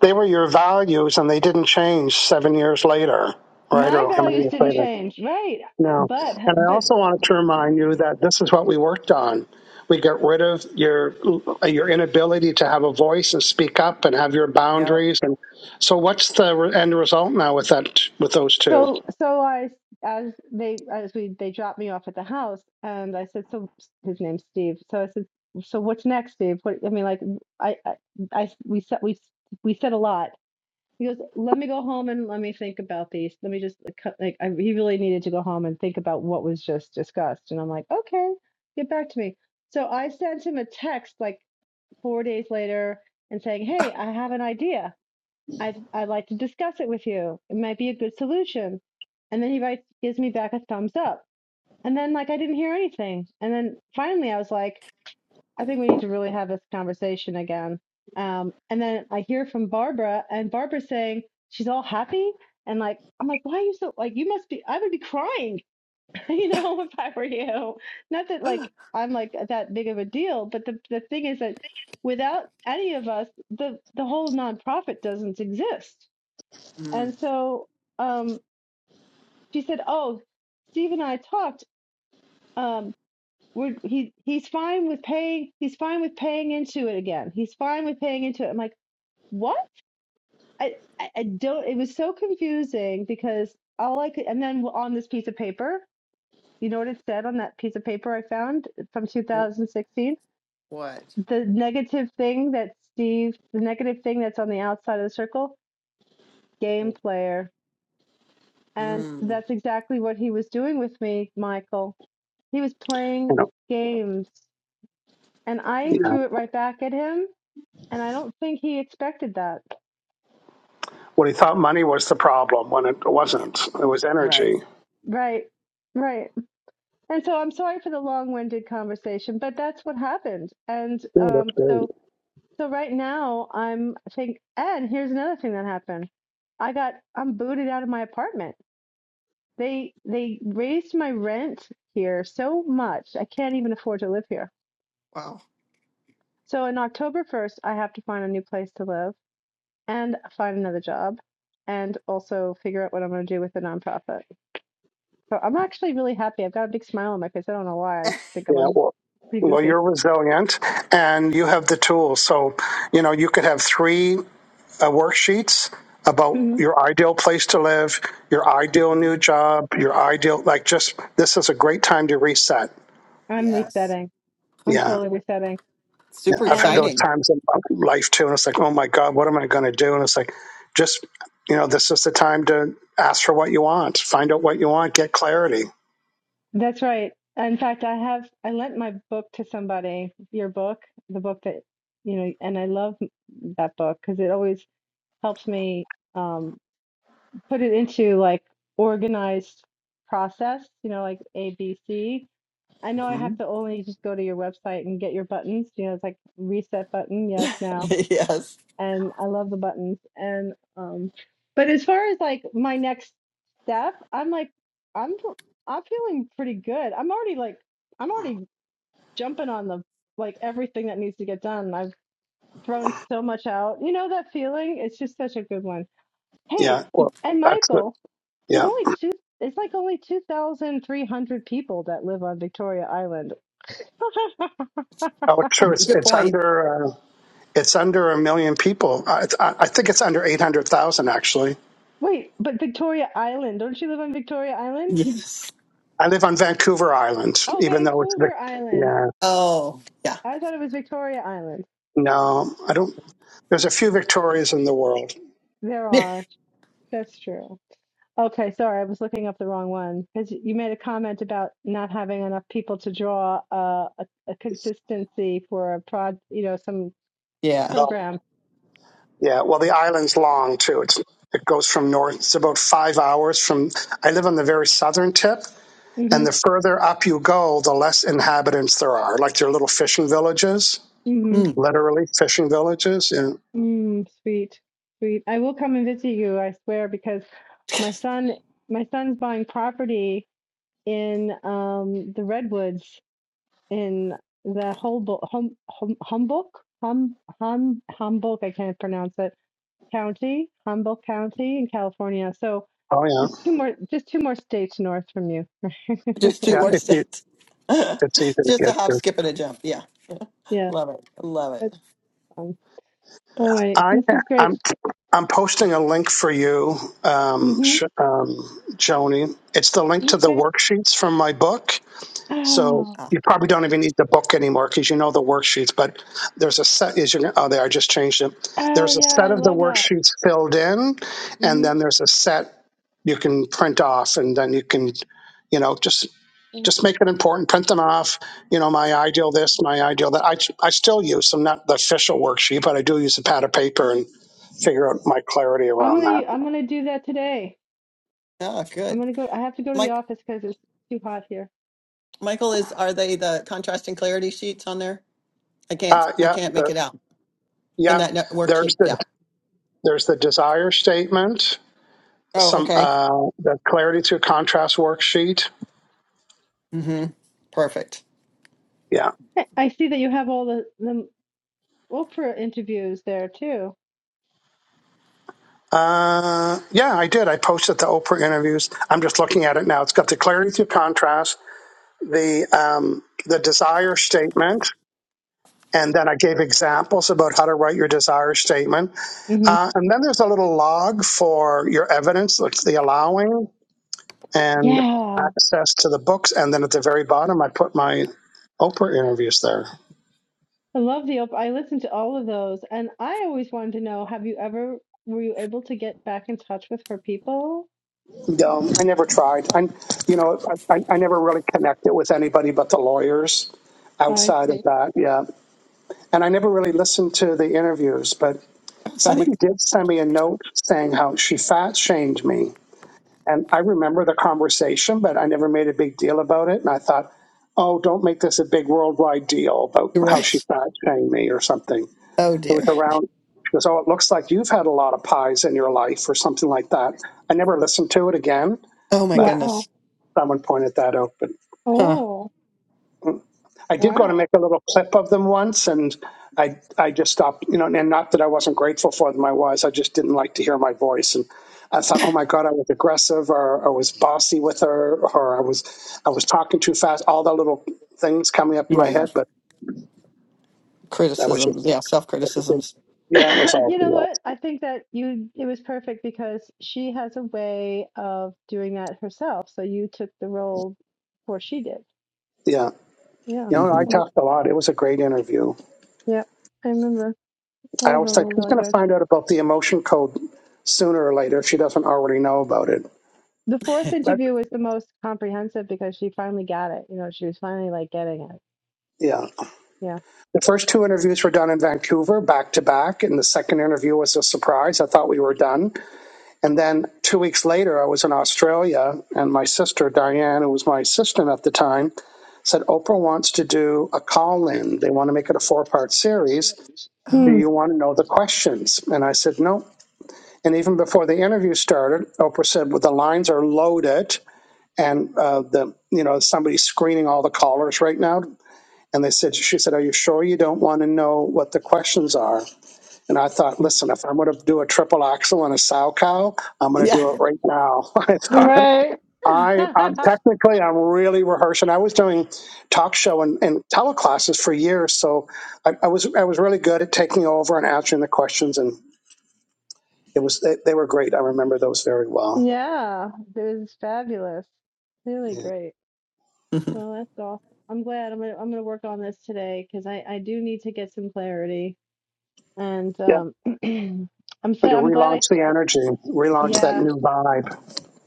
Speaker 1: they were your values and they didn't change seven years later, right?
Speaker 2: Yeah.
Speaker 5: my
Speaker 1: Or how many
Speaker 5: values
Speaker 1: years
Speaker 5: didn't
Speaker 1: later?
Speaker 5: change, right?
Speaker 1: No.
Speaker 5: But,
Speaker 1: And I
Speaker 5: but
Speaker 1: also wanted to remind you that this is what we worked on. We got rid of your your inability to have a voice and speak up and have your boundaries. And so, what's the re- end result now with that with those two?
Speaker 5: So so I as they as we they dropped me off at the house and I said so his name's Steve so I said so what's next Steve what I mean like I I I- we said we we said a lot he goes let me go home and let me think about these let me just like cut- like, I, he really needed to go home and think about what was just discussed and I'm like okay get back to me so I sent him a text like four days later and saying hey I have an idea I'd, I'd like to discuss it with you. It might be a good solution. And then he writes, gives me back a thumbs up. And then, like, I didn't hear anything. And then finally, I was like, I think we need to really have this conversation again. Um, and then I hear from Barbara, and Barbara's saying she's all happy. And like, I'm like, why are you so, like, you must be, I would be crying, you know, if I were you. Not that, like, I'm like that big of a deal, but the, the thing is that without any of us, the, the whole nonprofit doesn't exist
Speaker 2: Mm.
Speaker 5: and so um, she said, "Oh, Steve and I talked. Um, we're, he he's fine with paying. He's fine with paying into it again. He's fine with paying into it." I'm like, "What? I I I don't." It was so confusing because all I could, and then on this piece of paper, you know what it said on that piece of paper I found from
Speaker 2: Wh-
Speaker 5: 2016.
Speaker 2: What?
Speaker 5: The negative thing that Steve, the negative thing that's on the outside of the circle, game player. And
Speaker 2: Mm.
Speaker 5: that's exactly what he was doing with me, Michael He was
Speaker 1: You
Speaker 5: playing
Speaker 1: know,
Speaker 5: games, and I
Speaker 2: Mm.
Speaker 1: yeah.
Speaker 5: threw it right back at him, and I don't think he expected that.
Speaker 1: What he thought money was the problem when it
Speaker 2: Yeah.
Speaker 1: wasn't. It was
Speaker 2: Right.
Speaker 1: energy.
Speaker 5: Right, right. And so I'm sorry for the long-winded conversation, but that's what happened. And
Speaker 1: Yeah, that's
Speaker 5: um,
Speaker 1: great.
Speaker 5: so, so right now I'm I think, and here's another thing that happened. I got I'm booted out of my apartment. They they raised my rent here so much I can't even afford to live here.
Speaker 2: Wow.
Speaker 5: So in October 1st, I have to find a new place to live. and find another job and also figure out what I'm going to do with the nonprofit. So I'm actually really happy. I've got a big smile on my face. I don't know why. I think I'm
Speaker 1: Yeah. Well.
Speaker 5: pretty
Speaker 1: Well,
Speaker 5: goofy.
Speaker 1: you're resilient and you have the tools. So, you know, you could have three. uh, worksheets about
Speaker 5: Mhm.
Speaker 1: your ideal place to live, your ideal
Speaker 2: Mm-hmm.
Speaker 1: new job, your ideal like just this is a great time to reset.
Speaker 5: I'm
Speaker 2: Yes.
Speaker 5: resetting. I'm
Speaker 1: Yeah,
Speaker 5: totally resetting.
Speaker 1: yeah.
Speaker 2: Super
Speaker 1: I've had
Speaker 5: And
Speaker 1: those
Speaker 2: exciting.
Speaker 1: times in my life too, and it's like, oh my god, what am I going to do? And it's like, just you know, this is the time to ask for what you want, find out what you want, get clarity.
Speaker 5: that's right. In fact, I have I lent my book to somebody, your book, the book that you know, and I love that book because it always helps me um, put it into like organized process, you know, like A B C I know I
Speaker 2: hmm
Speaker 5: have to only just go to your website and get your buttons. You know, it's like reset button, yes, now.
Speaker 2: yes.
Speaker 5: And I love the buttons. And um but as far as like my next step, I'm like I'm fe- I'm feeling pretty good. I'm already like I'm already jumping on the like everything that needs to get done. I've thrown so much out. You know that feeling? It's just such a good one. Hey,
Speaker 1: Yeah, well,
Speaker 5: and
Speaker 1: that's the
Speaker 5: Michael, there's
Speaker 1: yeah.
Speaker 5: only two it's like only 2,300 people that live on Victoria Island.
Speaker 1: Oh, it's true. It's
Speaker 2: Good
Speaker 1: it's
Speaker 2: point.
Speaker 1: under uh, it's under a million people. I, I I think it's under eight hundred thousand actually.
Speaker 5: Wait, but Victoria Island, don't you live on Victoria Island?
Speaker 2: Yes.
Speaker 1: I live on Vancouver Island,
Speaker 5: Oh,
Speaker 1: even though it's the
Speaker 5: Vancouver Island.
Speaker 1: yeah.
Speaker 2: Oh, yeah.
Speaker 5: I thought it was Victoria Island.
Speaker 1: No, I don't. There's a few Victorias in the world.
Speaker 5: There are. That's true. Okay, sorry, I was looking up the wrong one. Because you made a comment about not having enough people to draw uh, a, a consistency for a prod, you know, some
Speaker 2: Yeah.
Speaker 1: Oh,
Speaker 5: program.
Speaker 1: yeah. Well, the island's long too. It's it goes from north. It's about five hours from. I live on the very southern tip,
Speaker 5: hmm
Speaker 1: and the further up you go, the less inhabitants there are. Like they're little fishing villages,
Speaker 5: hmm
Speaker 2: Mm.
Speaker 1: literally fishing villages. And
Speaker 5: Mm, sweet, sweet. I will come and visit you, I swear, because my son, my son's buying property in um, the redwoods in the Humboldt, hum, hum, Humboldt, hum, hum, Humboldt, I can't pronounce it, county, Humboldt County in California. So
Speaker 1: oh
Speaker 5: just
Speaker 1: yeah,
Speaker 5: two more, just two more states north from you.
Speaker 2: Just two
Speaker 1: yeah.
Speaker 2: more
Speaker 1: It's e-
Speaker 2: steps.
Speaker 1: it's easy to
Speaker 2: Just a
Speaker 1: get
Speaker 2: hop,
Speaker 1: to.
Speaker 2: skip, and a jump. Yeah.
Speaker 5: yeah,
Speaker 2: Love it. Love
Speaker 5: that's
Speaker 2: it.
Speaker 5: fun.
Speaker 2: Uh,
Speaker 5: All right,
Speaker 1: I
Speaker 5: this is great.
Speaker 1: I'm I'm posting a link for you, um,
Speaker 5: hmm
Speaker 1: Sh- um, Joni. It's the link to the
Speaker 5: Okay.
Speaker 1: worksheets from my book So
Speaker 5: Oh,
Speaker 2: Ah,
Speaker 1: you probably don't even need the book anymore because you know the worksheets. But there's a set. Is your, oh, there I just changed it.
Speaker 5: oh
Speaker 1: There's a
Speaker 5: yeah,
Speaker 1: set
Speaker 5: I
Speaker 1: of the
Speaker 5: love that.
Speaker 1: worksheets filled in, and
Speaker 5: hmm
Speaker 1: then there's a set you can print off, and then you can, you know, just
Speaker 5: I'm
Speaker 1: just make it important. Print them off. You know, my ideal this, my ideal that. I I still use them, not the official worksheet, but I do use a pad of paper and figure out my clarity around that.
Speaker 5: gonna, I'm gonna do that today.
Speaker 2: ah,
Speaker 5: I'm
Speaker 2: good.
Speaker 5: gonna go. I have to go to the
Speaker 2: Mike,
Speaker 5: office because it's too hot here.
Speaker 2: Michael, is are they the contrast and clarity sheets on there? I can't,
Speaker 1: Uh,
Speaker 2: I
Speaker 1: yeah,
Speaker 2: can't make
Speaker 1: the,
Speaker 2: it out in
Speaker 1: yeah.
Speaker 2: that net
Speaker 1: There's
Speaker 2: worksheet.
Speaker 1: the
Speaker 2: Yeah.
Speaker 1: there's the desire statement
Speaker 2: Oh,
Speaker 1: some
Speaker 2: okay.
Speaker 1: uh, the clarity to contrast worksheet.
Speaker 2: Mm-hmm. Perfect.
Speaker 1: Yeah.
Speaker 5: I I see that you have all the the Oprah interviews there too.
Speaker 1: Uh, yeah, I did. I posted the Oprah interviews. I'm just looking at it now. It's got the clarity through contrast, the um, the desire statement, and then I gave examples about how to write your desire statement.
Speaker 5: Mm-hmm.
Speaker 1: Uh, and then there's a little log for your evidence, like the allowing and
Speaker 5: Yeah,
Speaker 1: access to the books. And then at the very bottom, I put my Oprah interviews there.
Speaker 5: I love the op I listened to all of those, and I always wanted to know, have you ever were you able to get back in touch with her people?
Speaker 1: Um, I never tried. I, you know, I, I never really connected with anybody but the lawyers
Speaker 5: I
Speaker 1: outside of
Speaker 5: see.
Speaker 1: that. Yeah. And I never really listened to the interviews, but
Speaker 2: Funny.
Speaker 1: somebody did send me a note saying how she fat shamed me. And I remember the conversation, but I never made a big deal about it. And I thought, oh, don't make this a big worldwide deal about how she
Speaker 2: Right.
Speaker 1: fat shamed me or something.
Speaker 2: Oh
Speaker 1: It was
Speaker 2: dear.
Speaker 1: around, she goes, oh, it looks like you've had a lot of pies in your life or something like that. I never listened to it again.
Speaker 2: Oh my
Speaker 1: but.
Speaker 5: Wow.
Speaker 2: goodness.
Speaker 1: Someone pointed that out, but
Speaker 2: Huh.
Speaker 5: Oh,
Speaker 1: I did go to
Speaker 5: wow.
Speaker 1: make a little clip of them once, and I I just stopped, you know, and not that I wasn't grateful for them, I was, I just didn't like to hear my voice, and I thought, oh my God, I was aggressive, or I was bossy with her, or I was I was talking too fast, all the little things coming up in my
Speaker 2: Yeah.
Speaker 1: head, but that was just,
Speaker 2: criticisms. Yeah, self criticisms.
Speaker 1: yeah, it was all
Speaker 5: You know
Speaker 1: BS.
Speaker 5: what? I think that you it was perfect because she has a way of doing that herself. So you took the role before she did.
Speaker 1: Yeah,
Speaker 5: Yeah,
Speaker 1: you know,
Speaker 5: I
Speaker 1: I
Speaker 2: hmm
Speaker 5: think,
Speaker 1: talked a lot. It was a great interview.
Speaker 5: yeah, I remember.
Speaker 1: I
Speaker 5: All
Speaker 1: always
Speaker 5: of them
Speaker 1: thought
Speaker 5: were
Speaker 1: she's
Speaker 5: really
Speaker 1: going to
Speaker 5: good.
Speaker 1: find out about the emotion code sooner or later if she doesn't already know about it.
Speaker 5: The fourth
Speaker 1: But
Speaker 5: interview was the most comprehensive because she finally got it. You know, she was finally like getting it.
Speaker 1: yeah.
Speaker 5: yeah.
Speaker 1: The first two interviews were done in Vancouver back to back, and the second interview was a surprise. I thought we were done. And then two weeks later, I was in Australia, and my sister, Diane, who was my assistant at the time, said, Oprah wants to do a call in. They want to make it a four part series. Do
Speaker 2: Oh,
Speaker 5: Mm,
Speaker 1: you want to know the questions? And I said, No. And even before the interview started, Oprah said, well, the lines are loaded. And uh, the you know somebody's screening all the callers right now. And they said, she said, are you sure you don't want to know what the questions are? And I thought, listen, if I'm going to do a triple axel and a sow cow, I'm going to
Speaker 2: yeah.
Speaker 1: do it right now. I thought,
Speaker 5: right.
Speaker 1: I, I'm technically, I'm really rehearsing. I was doing talk show and, and teleclasses for years. So I, I was, I was really good at taking over and answering the questions. And it was, they, they were great. I remember those very well.
Speaker 5: yeah, it was fabulous. Really
Speaker 1: Yeah.
Speaker 5: great.
Speaker 2: Mhm.
Speaker 5: Well, that's awesome. I'm glad. I'm gonna I'm gonna work on this today because I I do need to get some clarity. And
Speaker 1: Yeah.
Speaker 5: um, I'm so
Speaker 1: And to
Speaker 5: I'm glad I
Speaker 1: relaunch the energy, relaunch that
Speaker 5: yeah
Speaker 1: new vibe.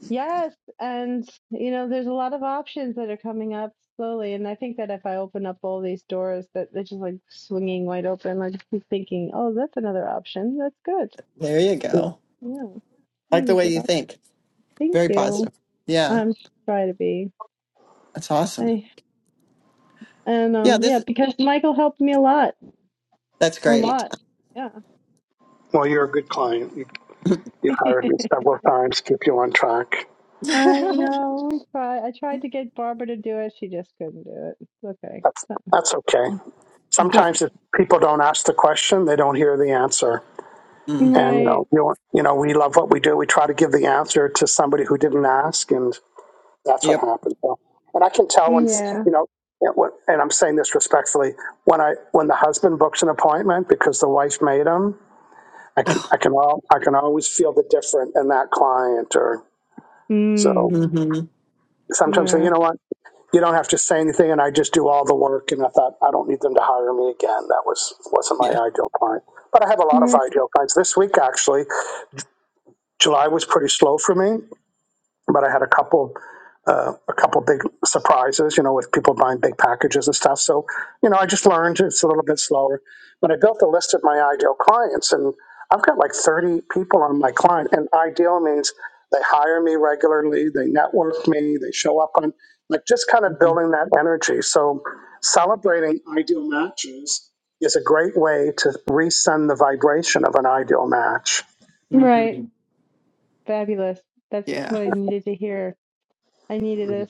Speaker 5: yes. And you know, there's a lot of options that are coming up slowly. And I think that if I open up all these doors, that they're just like swinging wide open. Like I keep thinking, oh, that's another option. That's good.
Speaker 2: there you go.
Speaker 5: Yeah,
Speaker 2: Like the
Speaker 5: another
Speaker 2: way
Speaker 5: good
Speaker 2: you
Speaker 5: option.
Speaker 2: think.
Speaker 5: Thank
Speaker 2: Very
Speaker 5: you.
Speaker 2: positive. Yeah,
Speaker 5: I'm trying to be.
Speaker 2: that's awesome.
Speaker 5: I, and
Speaker 2: Yeah,
Speaker 5: um yeah,
Speaker 2: this
Speaker 5: because Michael helped me a lot,
Speaker 2: that's
Speaker 5: a
Speaker 2: great.
Speaker 5: lot. Yeah.
Speaker 1: Well, you're a good client. You've hired me several times, keep you on track.
Speaker 5: I know. Try. I tried to get Barbara to do it. She just couldn't do it. okay.
Speaker 1: That's
Speaker 5: Not,
Speaker 1: that's okay.
Speaker 5: not
Speaker 1: Sometimes if
Speaker 5: mine.
Speaker 1: people don't ask the question, they don't hear the answer.
Speaker 2: Mm,
Speaker 1: And you
Speaker 5: Right.
Speaker 1: know, you, you know, we love what we do. We try to give the answer to somebody who didn't ask, and that's what
Speaker 2: yep.
Speaker 1: happened. So, and I can tell when
Speaker 5: Yeah.
Speaker 1: you know, and I'm saying this respectfully, when I when the husband books an appointment because the wife made him, I can
Speaker 2: Oh,
Speaker 1: I can all I can always feel the different in that client. Or so
Speaker 5: Mm.
Speaker 2: hmm
Speaker 1: sometimes say,
Speaker 5: Yeah.
Speaker 1: you know what. you don't have to say anything and I just do all the work. And I thought, I don't need them to hire me again. That was, wasn't my
Speaker 2: Yeah.
Speaker 1: ideal client. But I have a lot of
Speaker 5: Right.
Speaker 1: ideal clients. This week, actually, July was pretty slow for me, but I had a couple uh, a couple big surprises, you know, with people buying big packages and stuff. So, you know, I just learned it's a little bit slower. But I built a list of my ideal clients, and I've got like 30 people on my client. And ideal means they hire me regularly, they network me, they show up on, like, just kind of building that energy. So, celebrating ideal matches is a great way to resend the vibration of an ideal match.
Speaker 5: Right.
Speaker 2: hmm
Speaker 5: Fabulous. That's
Speaker 2: Yeah.
Speaker 5: what I needed to hear. I needed this.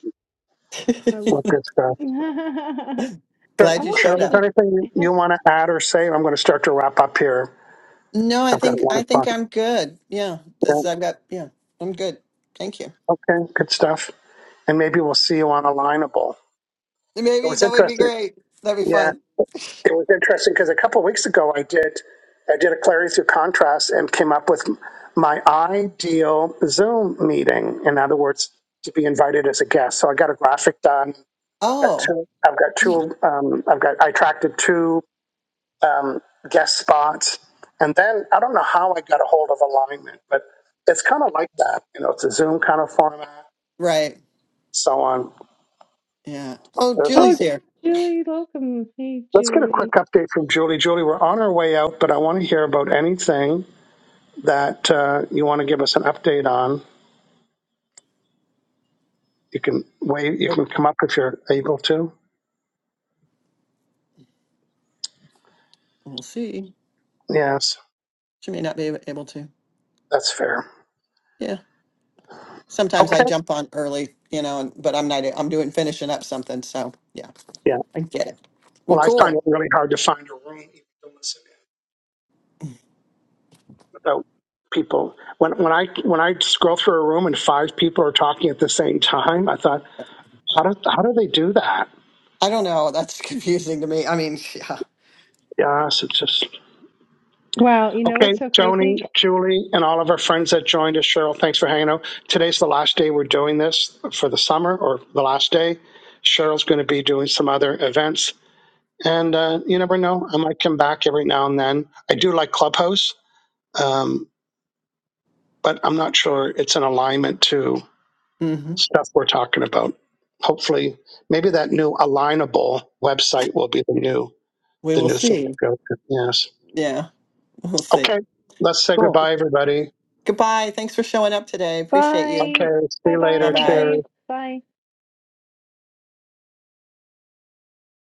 Speaker 5: I
Speaker 1: What
Speaker 5: love it.
Speaker 1: good stuff. Sure.
Speaker 5: I
Speaker 2: Glad you
Speaker 5: want to
Speaker 2: showed
Speaker 5: get
Speaker 1: Cheryl, is
Speaker 2: up.
Speaker 1: there
Speaker 5: this.
Speaker 1: anything
Speaker 5: I have
Speaker 1: you
Speaker 5: to-
Speaker 1: want to add or say? I'm going to start to wrap up here.
Speaker 2: No, I
Speaker 1: I've got
Speaker 2: think
Speaker 1: one
Speaker 2: I think
Speaker 1: o'clock.
Speaker 2: I'm good. Yeah,
Speaker 1: Yeah.
Speaker 2: this I've got. Yeah, I'm good. Thank you.
Speaker 1: Okay, good stuff. And maybe we'll see you on Alignable. It
Speaker 2: Maybe
Speaker 1: was
Speaker 2: that would be
Speaker 1: interesting.
Speaker 2: great. That'd be
Speaker 1: Yeah,
Speaker 2: fun.
Speaker 1: it was interesting because a couple weeks ago I did I did a Clarity Through Contrast and came up with my ideal Zoom meeting. In other words, to be invited as a guest. So I got a graphic done. I've got
Speaker 2: Oh,
Speaker 1: two. I've got
Speaker 2: yeah.
Speaker 1: two. Um, I've got. I attracted two um, guest spots. And then I don't know how I got a hold of alignment, but it's kind of like that. You know, it's a Zoom kind of format,
Speaker 2: Right.
Speaker 1: so on.
Speaker 2: Yeah. Oh,
Speaker 1: There's our.
Speaker 5: Oh,
Speaker 2: Julie's here.
Speaker 5: Julie Locum. Hey,
Speaker 1: Let's get a
Speaker 5: Julie.
Speaker 1: quick update from Julie. Julie, we're on our way out, but I want to hear about anything that uh, you want to give us an update on. You can wait. You can come up if you're able to.
Speaker 2: We'll see.
Speaker 1: Yes,
Speaker 2: She may not be able to.
Speaker 1: that's fair.
Speaker 2: Yeah. Sometimes I
Speaker 1: Okay.
Speaker 2: jump on early, you know, and- but I'm not, I'm doing finishing up something. So yeah,
Speaker 1: Yeah.
Speaker 2: I get it. Well,
Speaker 1: Well, I find
Speaker 2: cool.
Speaker 1: it really hard to find a room. even to listen So people, when when I when I scroll through a room and five people are talking at the same time, I thought, how do how do they do that?
Speaker 2: I don't know. That's confusing to me. I mean, yeah.
Speaker 1: Yes, it's just
Speaker 5: Wow, you know
Speaker 1: okay.
Speaker 5: what's so crazy?
Speaker 1: Joni, Julie, and all of our friends that joined us, Cheryl, thanks for hanging out. Today's the last day we're doing this for the summer, or the last day. Cheryl's going to be doing some other events, and uh, you never know. I might come back every now and then. I do like Clubhouse, um, but I'm not sure it's an alignment to.
Speaker 2: hmm
Speaker 1: stuff we're talking about. Hopefully, maybe that new alignable website will be the new
Speaker 2: We
Speaker 1: the
Speaker 2: will
Speaker 1: new thing to
Speaker 2: see.
Speaker 1: go to. Yes.
Speaker 2: Yeah. We'll see.
Speaker 1: Okay. Let's say
Speaker 2: Cool.
Speaker 1: goodbye, everybody.
Speaker 2: Goodbye. Thanks for showing up today. Appreciate you.
Speaker 1: Okay.
Speaker 5: Bye.
Speaker 1: See
Speaker 5: Bye
Speaker 1: you
Speaker 5: bye,
Speaker 2: Bye
Speaker 1: later.
Speaker 2: bye.
Speaker 1: Cheers.
Speaker 5: everybody. Bye.